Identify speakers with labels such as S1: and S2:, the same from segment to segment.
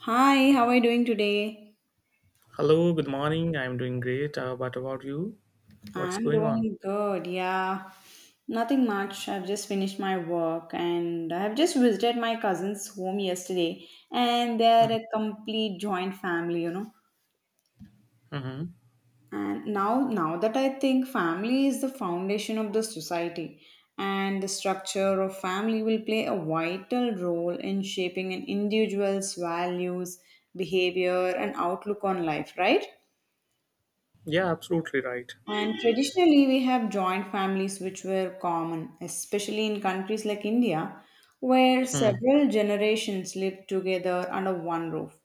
S1: Hi, how are you doing today?
S2: Hello, good morning. I'm doing great. What about you? What's
S1: I'm
S2: going on?
S1: doing good, yeah. Nothing much. I've just finished my work and I've just visited my cousin's home yesterday and they're
S2: Mm-hmm.
S1: a complete joint family.
S2: Mm-hmm.
S1: And now that I think family is the foundation of the society and the structure of family will play a vital role in shaping an individual's values, behavior and outlook on life, right?
S2: Yeah, absolutely right.
S1: And traditionally, we have joint families which were common, especially in countries like India, where
S2: Mm.
S1: several generations lived together under one roof.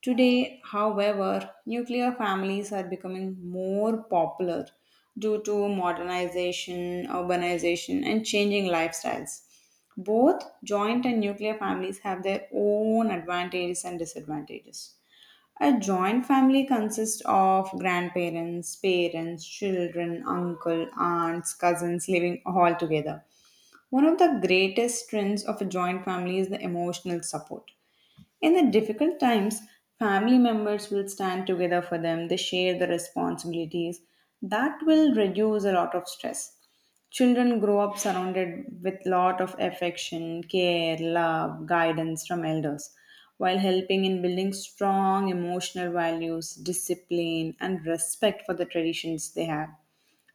S1: Today, however, nuclear families are becoming more popular due to modernization, urbanization, and changing lifestyles. Both joint and nuclear families have their own advantages and disadvantages. A joint family consists of grandparents, parents, children, uncle, aunts, cousins living all together. One of the greatest strengths of a joint family is the emotional support. In the difficult times, family members will stand together for them, they share the responsibilities. That will reduce a lot of stress. Children grow up surrounded with lot of affection, care, love, guidance from elders, while helping in building strong emotional values, discipline, and respect for the traditions they have.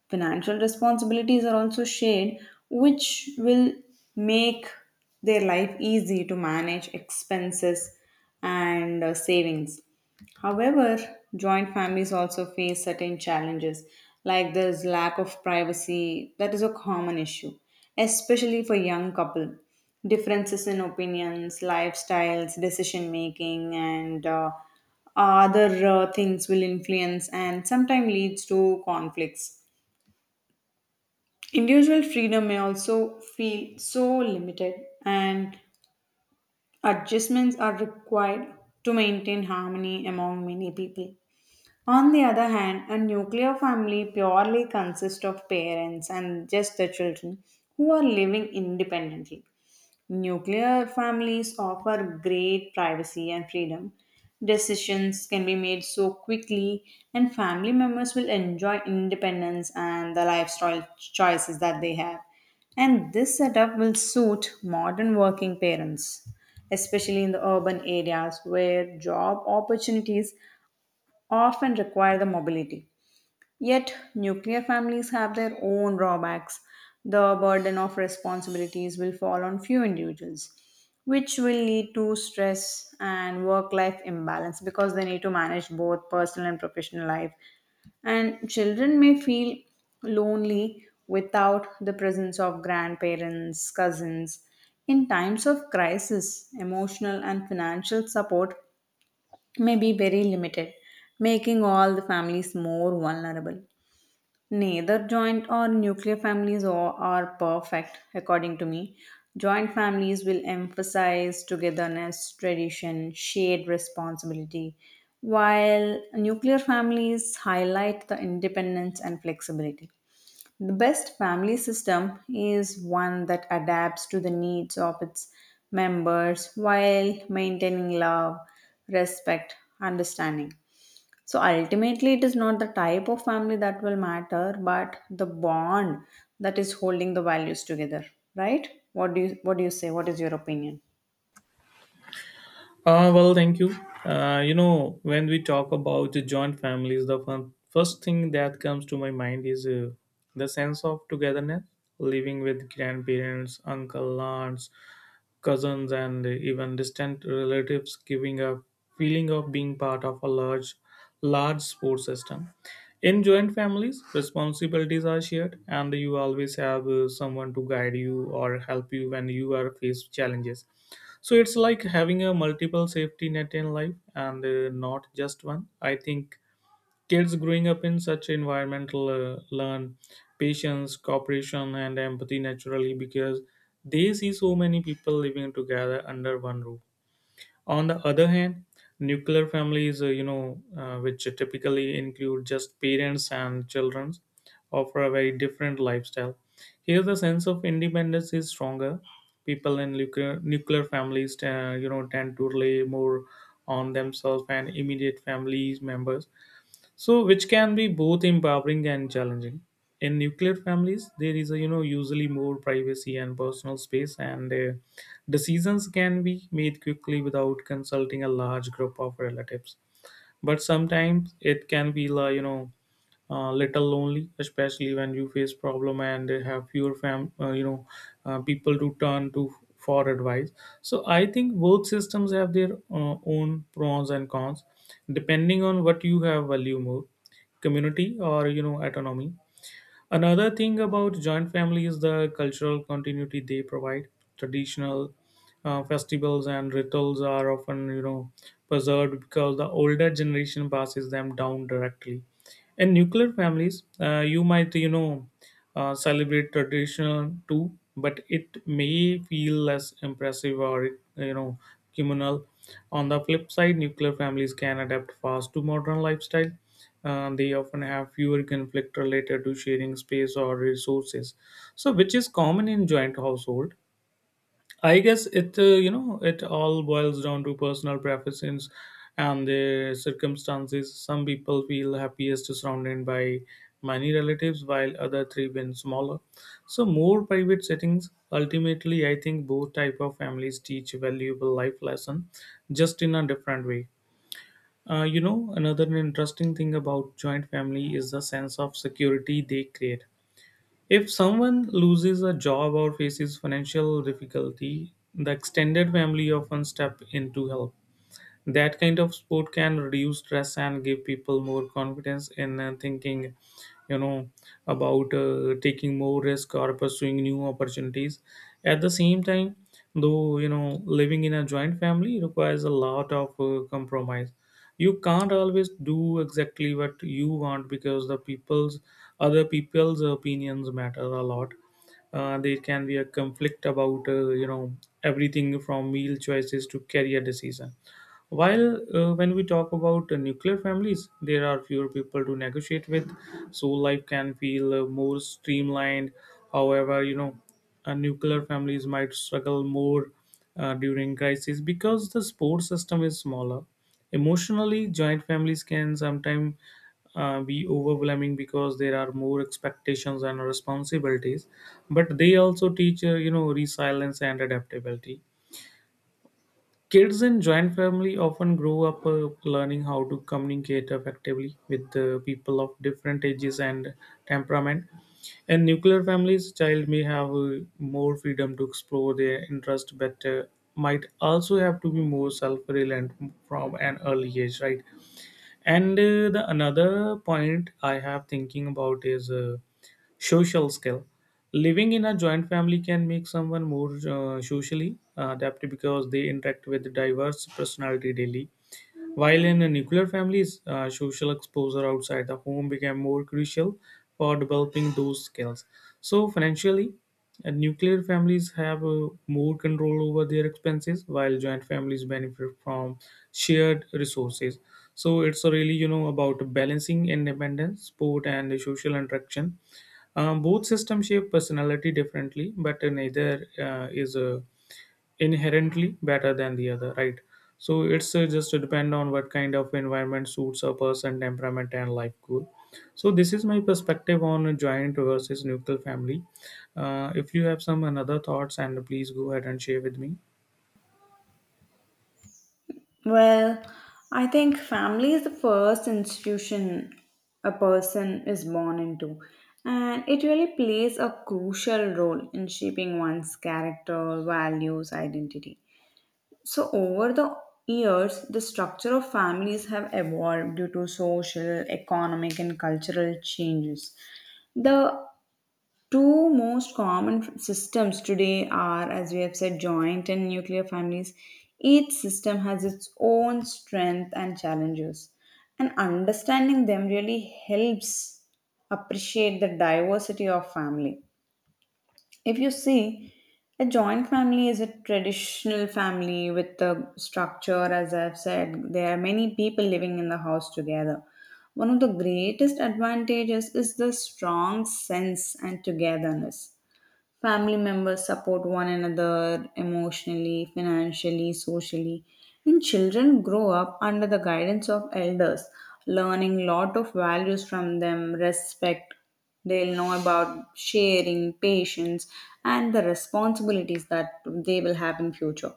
S1: Financial responsibilities are also shared, which will make their life easy to manage expenses and savings. However, joint families also face certain challenges, like there's lack of privacy, that is a common issue, especially for young couple. Differences in opinions, lifestyles, decision making, and other things will influence and sometimes leads to conflicts. Individual freedom may also feel so limited, and adjustments are required to maintain harmony among many people. On the other hand, a nuclear family purely consists of parents and just the children who are living independently. Nuclear families offer great privacy and freedom. Decisions can be made so quickly, and family members will enjoy independence and the lifestyle choices that they have. And this setup will suit modern working parents, especially in the urban areas where job opportunities often require the mobility. Yet, nuclear families have their own drawbacks. The burden of responsibilities will fall on few individuals, which will lead to stress and work life imbalance because they need to manage both personal and professional life. And children may feel lonely without the presence of grandparents, cousins. In times of crisis, emotional and financial support may be very limited, making all the families more vulnerable. Neither joint or nuclear families are perfect, according to me. Joint families will emphasize togetherness, tradition, shared responsibility, while nuclear families highlight the independence and flexibility. The best family system is one that adapts to the needs of its members while maintaining love, respect, understanding. So ultimately, it is not the type of family that will matter, but the bond that is holding the values together, right? What do you say? What is your opinion?
S2: Well, thank you. You know, when we talk about the joint families, the first thing that comes to my mind is the sense of togetherness, living with grandparents, uncle, aunts, cousins, and even distant relatives, giving a feeling of being part of a large sports system. In joint families, responsibilities are shared, and you always have someone to guide you or help you when you are faced challenges. So it's like having a multiple safety net in life and not just one. I think kids growing up in such environmental learn patience, cooperation, and empathy naturally because they see so many people living together under one roof. On the other hand, nuclear families, which typically include just parents and children, offer a very different lifestyle. Here, the sense of independence is stronger. People in nuclear families, tend to rely more on themselves and immediate family members, so which can be both empowering and challenging. In nuclear families there is, a you know, usually more privacy and personal space, and decisions can be made quickly without consulting a large group of relatives, but sometimes it can feel little lonely, especially when you face problem and have fewer fam you know people to turn to for advice. So I think both systems have their own pros and cons, depending on what you have value more, community or, you know, autonomy. Another thing about joint family is the cultural continuity they provide. Traditional festivals and rituals are often, you know, preserved because the older generation passes them down directly. In nuclear families, you might, you know, celebrate tradition too, but it may feel less impressive or, you know, communal. On the flip side, nuclear families can adapt fast to modern lifestyle. They often have fewer conflict related to sharing space or resources, so which is common in joint household. I guess you know, it all boils down to personal preferences and their circumstances. Some people feel happiest surrounded by many relatives, while other three been smaller. So more private settings. Ultimately, I think both type of families teach valuable life lesson, just in a different way. You know, another interesting thing about joint family is the sense of security they create. If someone loses a job or faces financial difficulty, the extended family often step in to help. That kind of sport can reduce stress and give people more confidence in thinking, you know, about taking more risk or pursuing new opportunities. At the same time, though, you know, living in a joint family requires a lot of compromise. You can't always do exactly what you want because the people's other people's opinions matter a lot. Uh, there can be a conflict about, you know, everything from meal choices to career decision, while when we talk about nuclear families, there are fewer people to negotiate with, so life can feel more streamlined. However, you know, nuclear families might struggle more during crisis because the support system is smaller. Emotionally, joint families can sometimes be overwhelming because there are more expectations and responsibilities, but they also teach, you know, resilience and adaptability. Kids in joint family often grow up learning how to communicate effectively with people of different ages and temperament. In nuclear families, child may have more freedom to explore their interest, but might also have to be more self-reliant from an early age, right? and the another point I have thinking about is social skill. Living in a joint family can make someone more socially adept because they interact with diverse personality daily, while in a nuclear families, social exposure outside the home became more crucial for developing those skills. So, financially, nuclear families have more control over their expenses, while joint families benefit from shared resources. So, it's really, you know, about balancing independence, sport, and social interaction. Both systems shape personality differently, but neither is inherently better than the other, right? So it's just depend on what kind of environment suits a person temperament and life goal. So this is my perspective on a joint versus nuclear family. If you have some another thoughts, and please go ahead and share with me.
S1: Well, I think family is the first institution a person is born into, and it really plays a crucial role in shaping one's character, values, identity. So, over the years, the structure of families have evolved due to social, economic, and cultural changes. The two most common systems today are, as we have said, joint and nuclear families. Each system has its own strength and challenges, and understanding them really helps appreciate the diversity of family. If you see, a joint family is a traditional family with the structure, as I've said, there are many people living in the house together. One of the greatest advantages is the strong sense and togetherness. Family members support one another emotionally, financially, socially, and children grow up under the guidance of elders, learning lot of values from them, respect. They'll know about sharing, patience, and the responsibilities that they will have in future.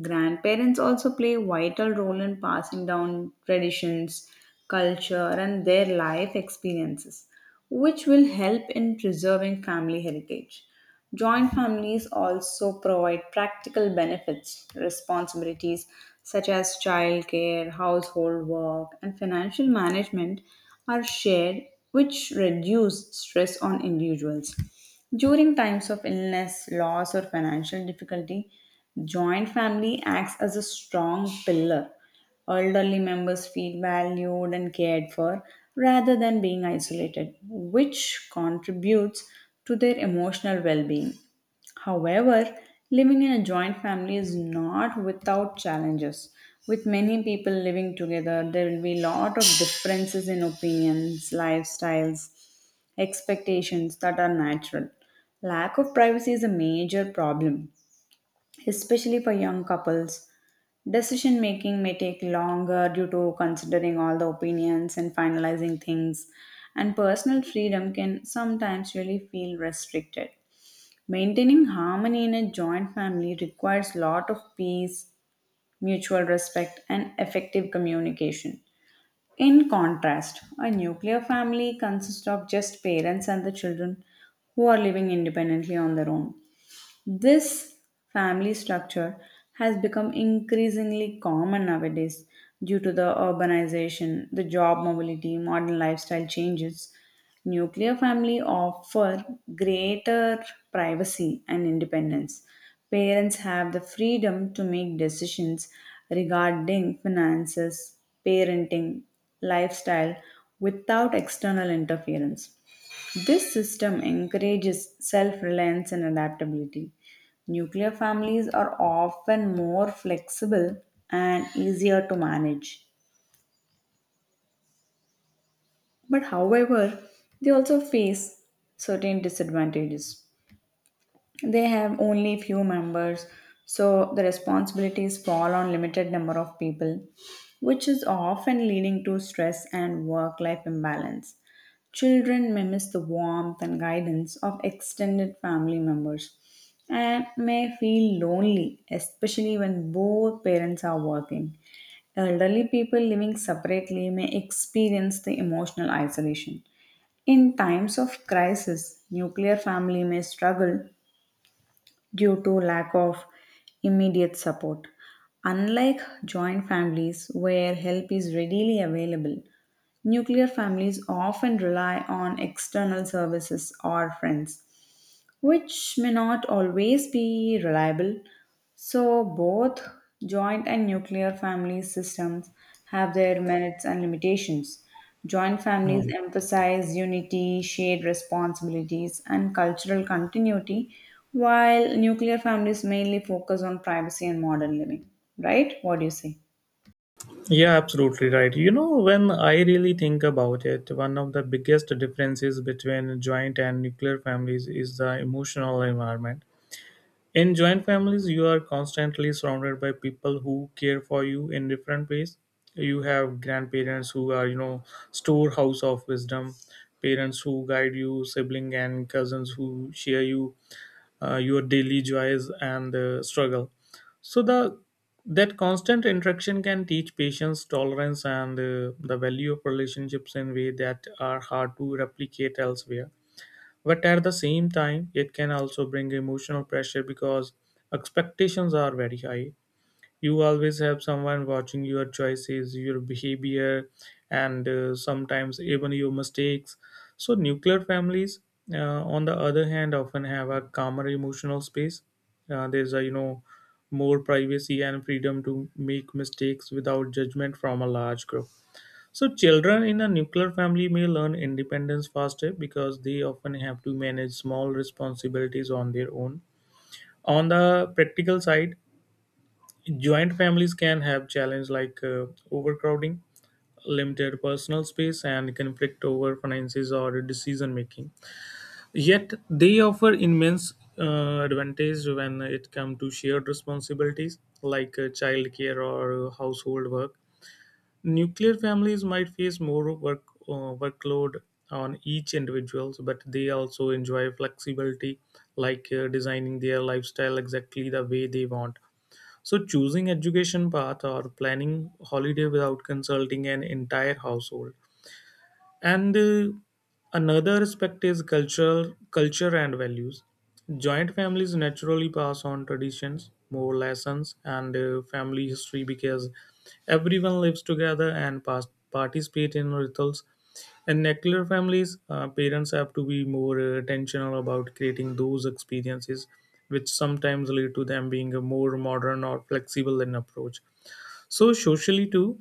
S1: Grandparents also play a vital role in passing down traditions, culture, and their life experiences, which will help in preserving family heritage. Joint families also provide practical benefits, responsibilities such as childcare, household work, and financial management are shared, which reduce stress on individuals. During times of illness, loss, or financial difficulty, joint family acts as a strong pillar. Elderly members feel valued and cared for rather than being isolated, which contributes to their emotional well being. However, living in a joint family is not without challenges. With many people living together, there will be a lot of differences in opinions, lifestyles, expectations that are natural. Lack of privacy is a major problem, especially for young couples. Decision making may take longer due to considering all the opinions and finalizing things, and personal freedom can sometimes really feel restricted. Maintaining harmony in a joint family requires lot of peace, mutual respect, and effective communication. In contrast, a nuclear family consists of just parents and the children who are living independently on their own. This family structure has become increasingly common nowadays due to the urbanization, the job mobility, modern lifestyle changes. Nuclear family offer greater privacy and independence. Parents have the freedom to make decisions regarding finances, parenting, lifestyle without external interference. This system encourages self reliance and adaptability. Nuclear families are often more flexible and easier to manage. But, however, they also face certain disadvantages. They have only few members, so the responsibilities fall on limited number of people, which is often leading to stress and work-life imbalance. Children may miss the warmth and guidance of extended family members and may feel lonely, especially when both parents are working. Elderly people living separately may experience the emotional isolation. In times of crisis, nuclear family may struggle due to lack of immediate support. Unlike joint families where help is readily available, nuclear families often rely on external services or friends which may not always be reliable. So, both joint and nuclear family systems have their merits and limitations. Joint families
S2: Hmm.
S1: emphasize unity, shared responsibilities, and cultural continuity, while nuclear families mainly focus on privacy and modern living. Right? What do you say?
S2: Yeah, absolutely right. You know, when I really think about it, one of the biggest differences between joint and nuclear families is the emotional environment. In joint families, you are constantly surrounded by people who care for you in different ways. You have grandparents who are, you know, storehouse of wisdom, parents who guide you, sibling and cousins who share you your daily joys and struggle. So the that constant interaction can teach patience, tolerance, and, the value of relationships in ways that are hard to replicate elsewhere, but at the same time, it can also bring emotional pressure because expectations are very high. You always have someone watching your choices, your behavior, and sometimes even your mistakes. So, nuclear families, uh, on the other hand, often have a calmer emotional space. There's a, you know, more privacy and freedom to make mistakes without judgment from a large group. So, children in a nuclear family may learn independence faster because they often have to manage small responsibilities on their own. On the practical side, joint families can have challenges like overcrowding, limited personal space, and conflict over finances or decision making. Yet, they offer immense advantage when it comes to shared responsibilities like childcare or household work. Nuclear families might face more workload on each individual, but they also enjoy flexibility, like designing their lifestyle exactly the way they want. So, choosing education path or planning holiday without consulting an entire household. And another aspect is cultural culture and values. Joint families naturally pass on traditions, more lessons, and family history because everyone lives together and participate in rituals. In nuclear families, parents have to be more intentional about creating those experiences, which sometimes lead to them being a more modern or flexible in approach. So socially too,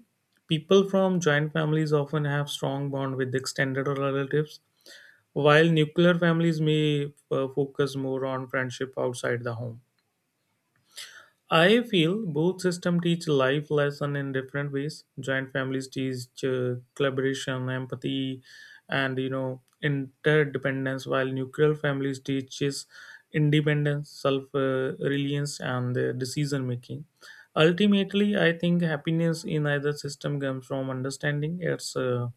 S2: people from joint families often have strong bond with extended or relatives, while nuclear families may focus more on friendship outside the home. I feel both systems teach life lesson in different ways. Joint families teach collaboration, empathy, and, you know, interdependence, while nuclear families teaches independence, self-reliance, and decision making. Ultimately, I think happiness in either system comes from understanding its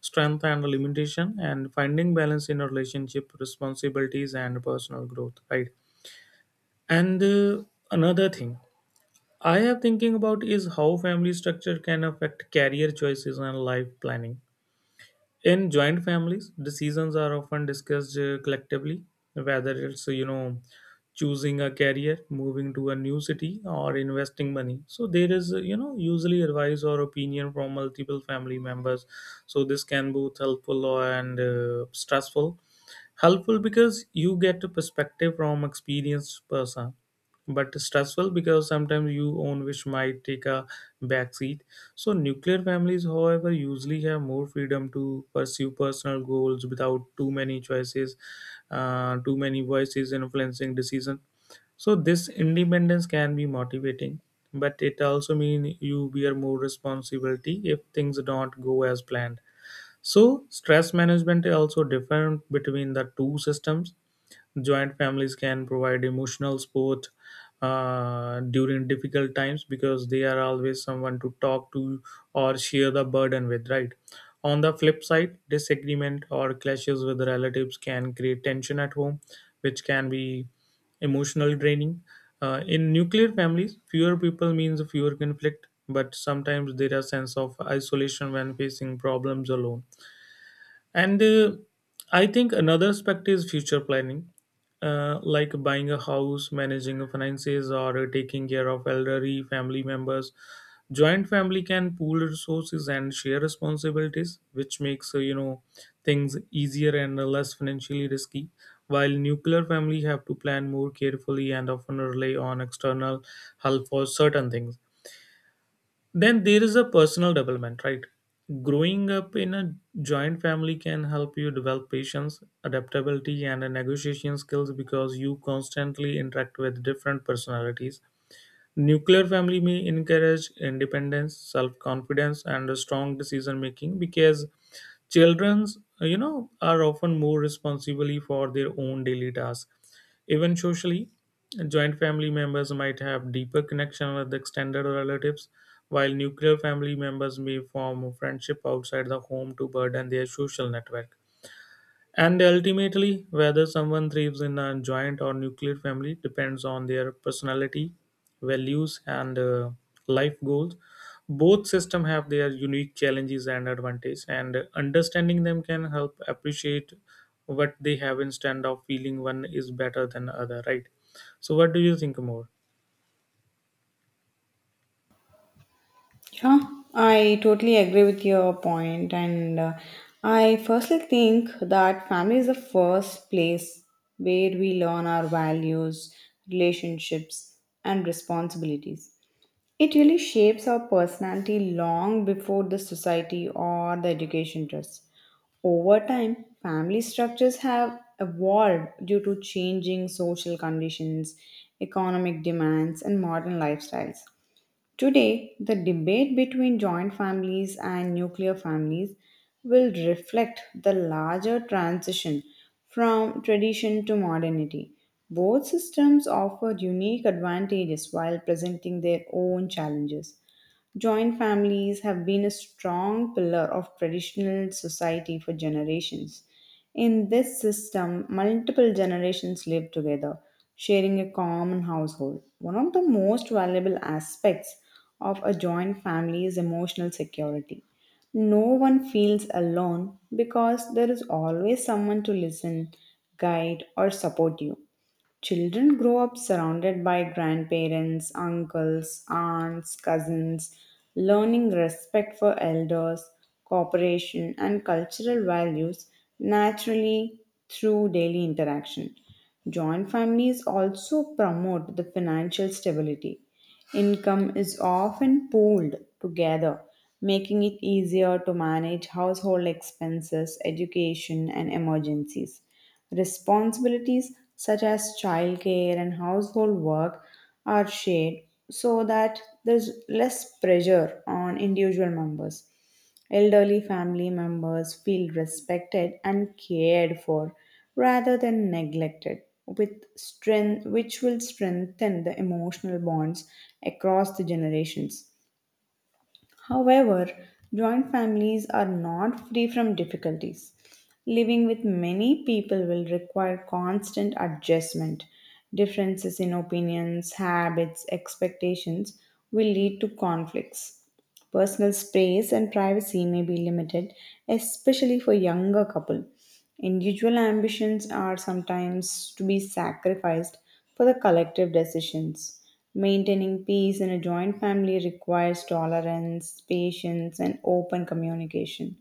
S2: strength and limitation, and finding balance in a relationship, responsibilities, and personal growth. Right. And another thing I have thinking about is how family structure can affect career choices and life planning. In joint families, decisions are often discussed collectively, whether it's, you know, choosing a career, moving to a new city, or investing money. So there is, you know, usually advice or opinion from multiple family members. So this can both helpful and stressful. Helpful because you get a perspective from experienced person, but stressful because sometimes you own which might take a backseat. So nuclear families, however, usually have more freedom to pursue personal goals without too many voices influencing decision. So this independence can be motivating, but it also means you bear more responsibility if things don't go as planned. So stress management is also different between the two systems. Joint families can provide emotional support during difficult times because they are always someone to talk to or share the burden with, right? On the flip side, disagreement or clashes with relatives can create tension at home, which can be emotionally draining. In nuclear families, fewer people means fewer conflict, but sometimes there are sense of isolation when facing problems alone. And I think another aspect is future planning, like buying a house, managing finances, or taking care of elderly family members. Joint family can pool resources and share responsibilities, which makes, you know, things easier and less financially risky. While nuclear family have to plan more carefully and often rely on external help for certain things. Then there is a personal development, right? Growing up in a joint family can help you develop patience, adaptability, and a negotiation skills because you constantly interact with different personalities. Nuclear family may encourage independence, self confidence, and a strong decision making, because childrens, you know, are often more responsible for their own daily tasks. Even socially, joint family members might have deeper connection with extended relatives, while nuclear family members may form friendship outside the home to burden their social network. And ultimately, whether someone thrives in a joint or nuclear family depends on their personality, values, and life goals. Both systems have their unique challenges and advantages, and understanding them can help appreciate what they have instead of feeling one is better than other. Right? So, what do you think more?
S1: Yeah, I totally agree with your point, and I firstly think that family is the first place where we learn our values, relationships, and responsibilities. It really shapes our personality long before the society or the education does. Over time, family structures have evolved due to changing social conditions, economic demands, and modern lifestyles. Today, the debate between joint families and nuclear families will reflect the larger transition from tradition to modernity. Both systems offer unique advantages while presenting their own challenges. Joint families have been a strong pillar of traditional society for generations. In this system, multiple generations live together, sharing a common household. One of the most valuable aspects of a joint family is emotional security. No one feels alone because there is always someone to listen, guide, or support you. Children grow up surrounded by grandparents, uncles, aunts, cousins, learning respect for elders, cooperation, and cultural values naturally through daily interaction. Joint families also promote the financial stability. Income is often pooled together, making it easier to manage household expenses, education, and emergencies. Responsibilities such as childcare and household work are shared so that there's less pressure on individual members. Elderly family members feel respected and cared for rather than neglected, with strength, which will strengthen the emotional bonds across the generations. However, joint families are not free from difficulties. Living with many people will require constant adjustment. Differences in opinions, habits, expectations will lead to conflicts. Personal space and privacy may be limited, especially for younger couples. Individual ambitions are sometimes to be sacrificed for the collective decisions. Maintaining peace in a joint family requires tolerance, patience, and open communication.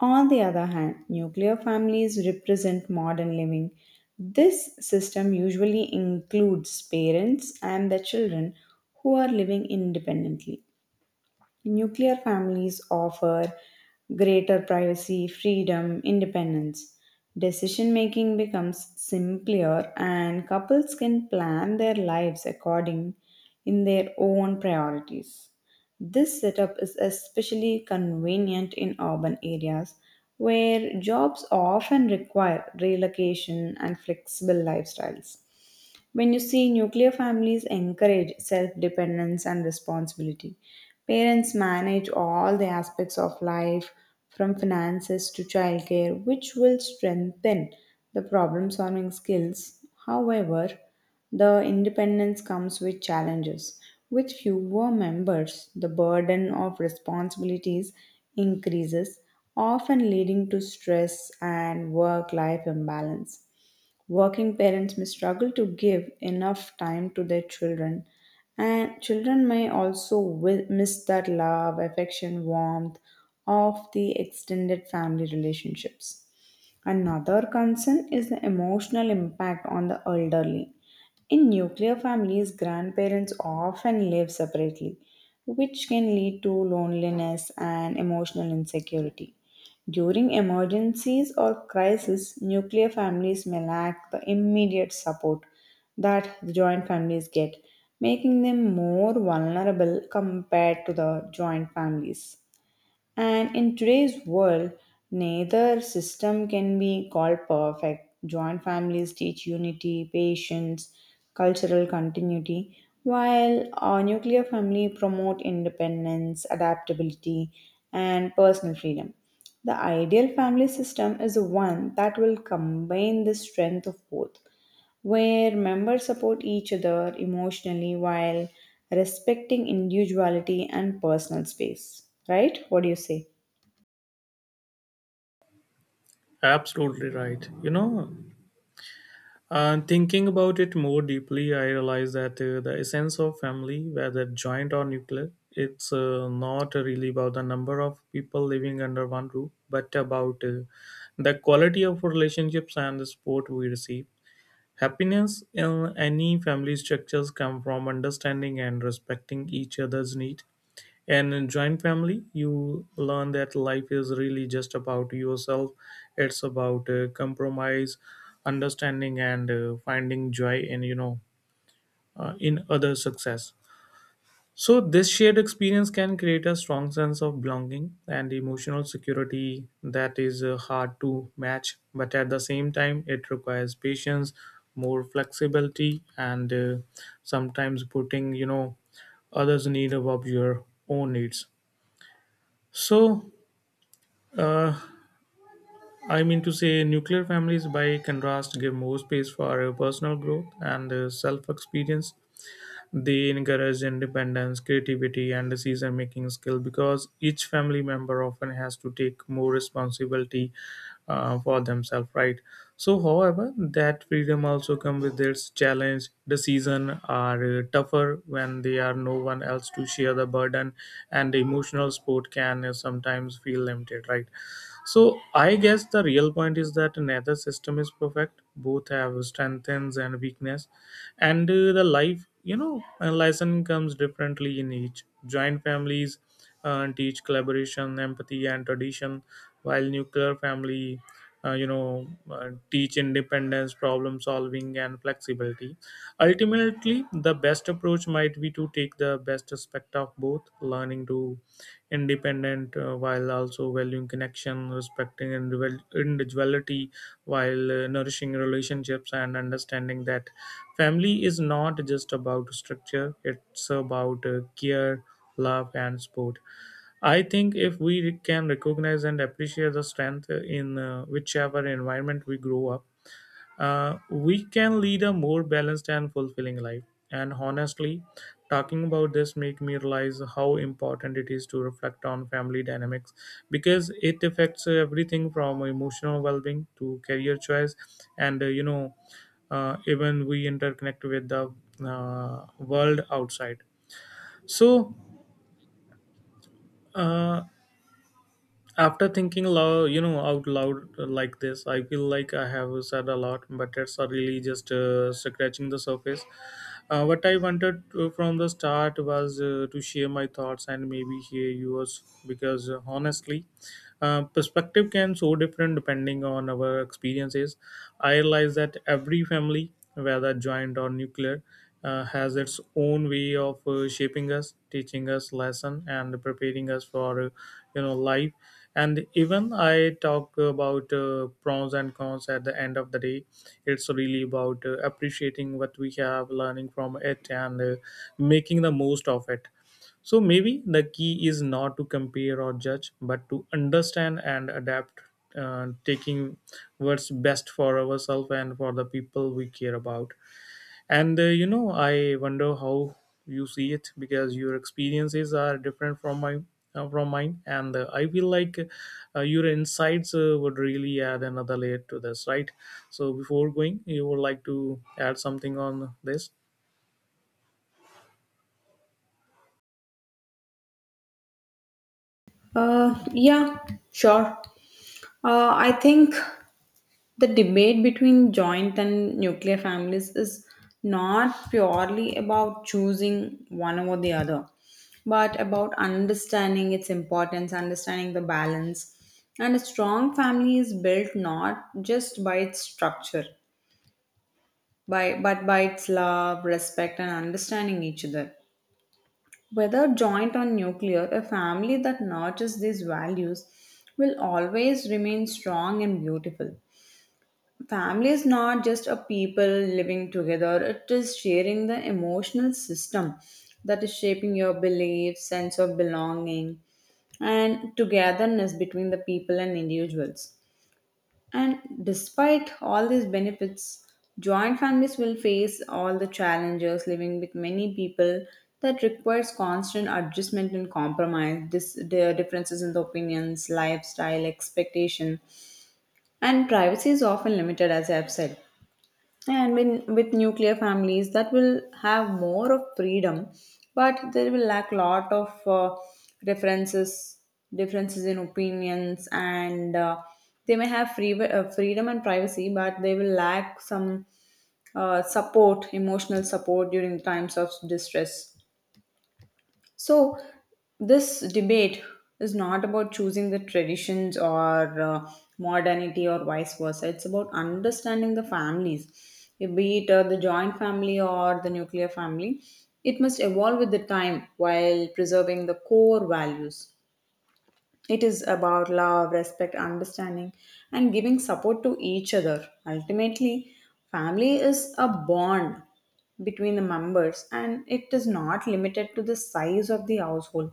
S1: On the other hand, nuclear families represent modern living. This system usually includes parents and their children who are living independently. Nuclear families offer greater privacy, freedom, independence. Decision making becomes simpler and couples can plan their lives according in their own priorities. This setup is especially convenient in urban areas where jobs often require relocation and flexible lifestyles. When you see nuclear families encourage self dependence and responsibility, parents manage all the aspects of life from finances to childcare, which will strengthen the problem solving skills. However, the independence comes with challenges. With fewer members, the burden of responsibilities increases, often leading to stress and work life imbalance. Working parents may struggle to give enough time to their children, and children may also miss that love, affection, warmth of the extended family relationships. Another concern is the emotional impact on the elderly. In nuclear families, grandparents often live separately, which can lead to loneliness and emotional insecurity. During emergencies or crises, nuclear families may lack the immediate support that the joint families get, making them more vulnerable compared to the joint families. And in today's world, neither system can be called perfect. Joint families teach unity, patience, cultural continuity, while a nuclear family promote independence, adaptability, and personal freedom. The ideal family system is the one that will combine the strength of both, where members support each other emotionally while respecting individuality and personal space. Right? What do you say?
S2: Absolutely right. You know, and thinking about it more deeply, I realized that the essence of family, whether joint or nuclear, it's not really about the number of people living under one roof, but about the quality of relationships and the support we receive. Happiness in any family structures come from understanding and respecting each other's need, and in joint family, you learn that life is really just about yourself. It's about compromise, understanding, and finding joy in you know in other success. So this shared experience can create a strong sense of belonging and emotional security that is hard to match. But at the same time, it requires patience, more flexibility, and sometimes putting others' need above your own needs. So, uh, I mean to say, nuclear families, by contrast, give more space for personal growth and self experience. They encourage independence, creativity, and decision making skill because each family member often has to take more responsibility for themselves, right? So, however, that freedom also comes with its challenge. Decisions are tougher when they are no one else to share the burden, and emotional support can sometimes feel limited, right? So I guess the real point is that neither system is perfect. Both have strengths and weakness, and the life lesson comes differently in each. Joint families teach collaboration, empathy, and tradition, while nuclear family. Teach independence, problem solving, and flexibility. Ultimately, the best approach might be to take the best aspect of both, learning to independent while also valuing connection, respecting individuality while nourishing relationships and understanding that family is not just about structure, it's about care, love, and support. I think if we can recognize and appreciate the strength in whichever environment we grow up, we can lead a more balanced and fulfilling life, and honestly talking about this make me realize how important it is to reflect on family dynamics because it affects everything from emotional well-being to career choice and even we interconnect with the world outside, so uh, after thinking loud, out loud like this, I feel like I have said a lot, but it's really just scratching the surface. What I wanted to, from the start, was to share my thoughts and maybe hear yours because honestly, perspective can so different depending on our experiences. I realize that every family, whether joint or nuclear, has its own way of shaping us, teaching us lesson, and preparing us for life. And even I talk about pros and cons, at the end of the day, it's really about appreciating what we have, learning from it, and making the most of it. So maybe the key is not to compare or judge, but to understand and adapt, taking what's best for ourselves and for the people we care about. And you know, I wonder how you see it because your experiences are different from my from mine, and I feel like your insights would really add another layer to this, right? So before going, you would like to add something on this.
S1: Yeah, sure. I think the debate between joint and nuclear families is not purely about choosing one over the other, but about understanding its importance, understanding the balance. And a strong family is built not just by its structure, by but by its love, respect, and understanding each other. Whether joint or nuclear, a family that nurtures these values will always remain strong and beautiful. Family is not just a people living together, it is sharing the emotional system that is shaping your beliefs, sense of belonging, and togetherness between the people and individuals. And despite all these benefits, joint families will face all the challenges living with many people that requires constant adjustment and compromise. This the differences in the opinions, lifestyle, expectation, and privacy is often limited, as I have said. And when with nuclear families, that will have more of freedom, but there will lack lot of references, differences in opinions, and they may have freedom and privacy, but they will lack some support, emotional support during times of distress. So, this debate is not about choosing the traditions or modernity or vice versa. It's about understanding the families, be it the joint family or the nuclear family. It must evolve with the time while preserving the core values. It is about love, respect, understanding, and giving support to each other. Ultimately, family is a bond between the members and it is not limited to the size of the household.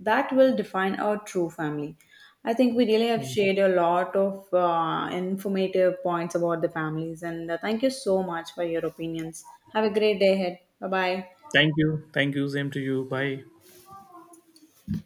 S1: That will define our true family. I think we really have
S2: Mm.
S1: shared a lot of informative points about the families, and thank you so much for your opinions. Have a great day ahead. Bye bye.
S2: Thank you. Thank you. Same to you. Bye.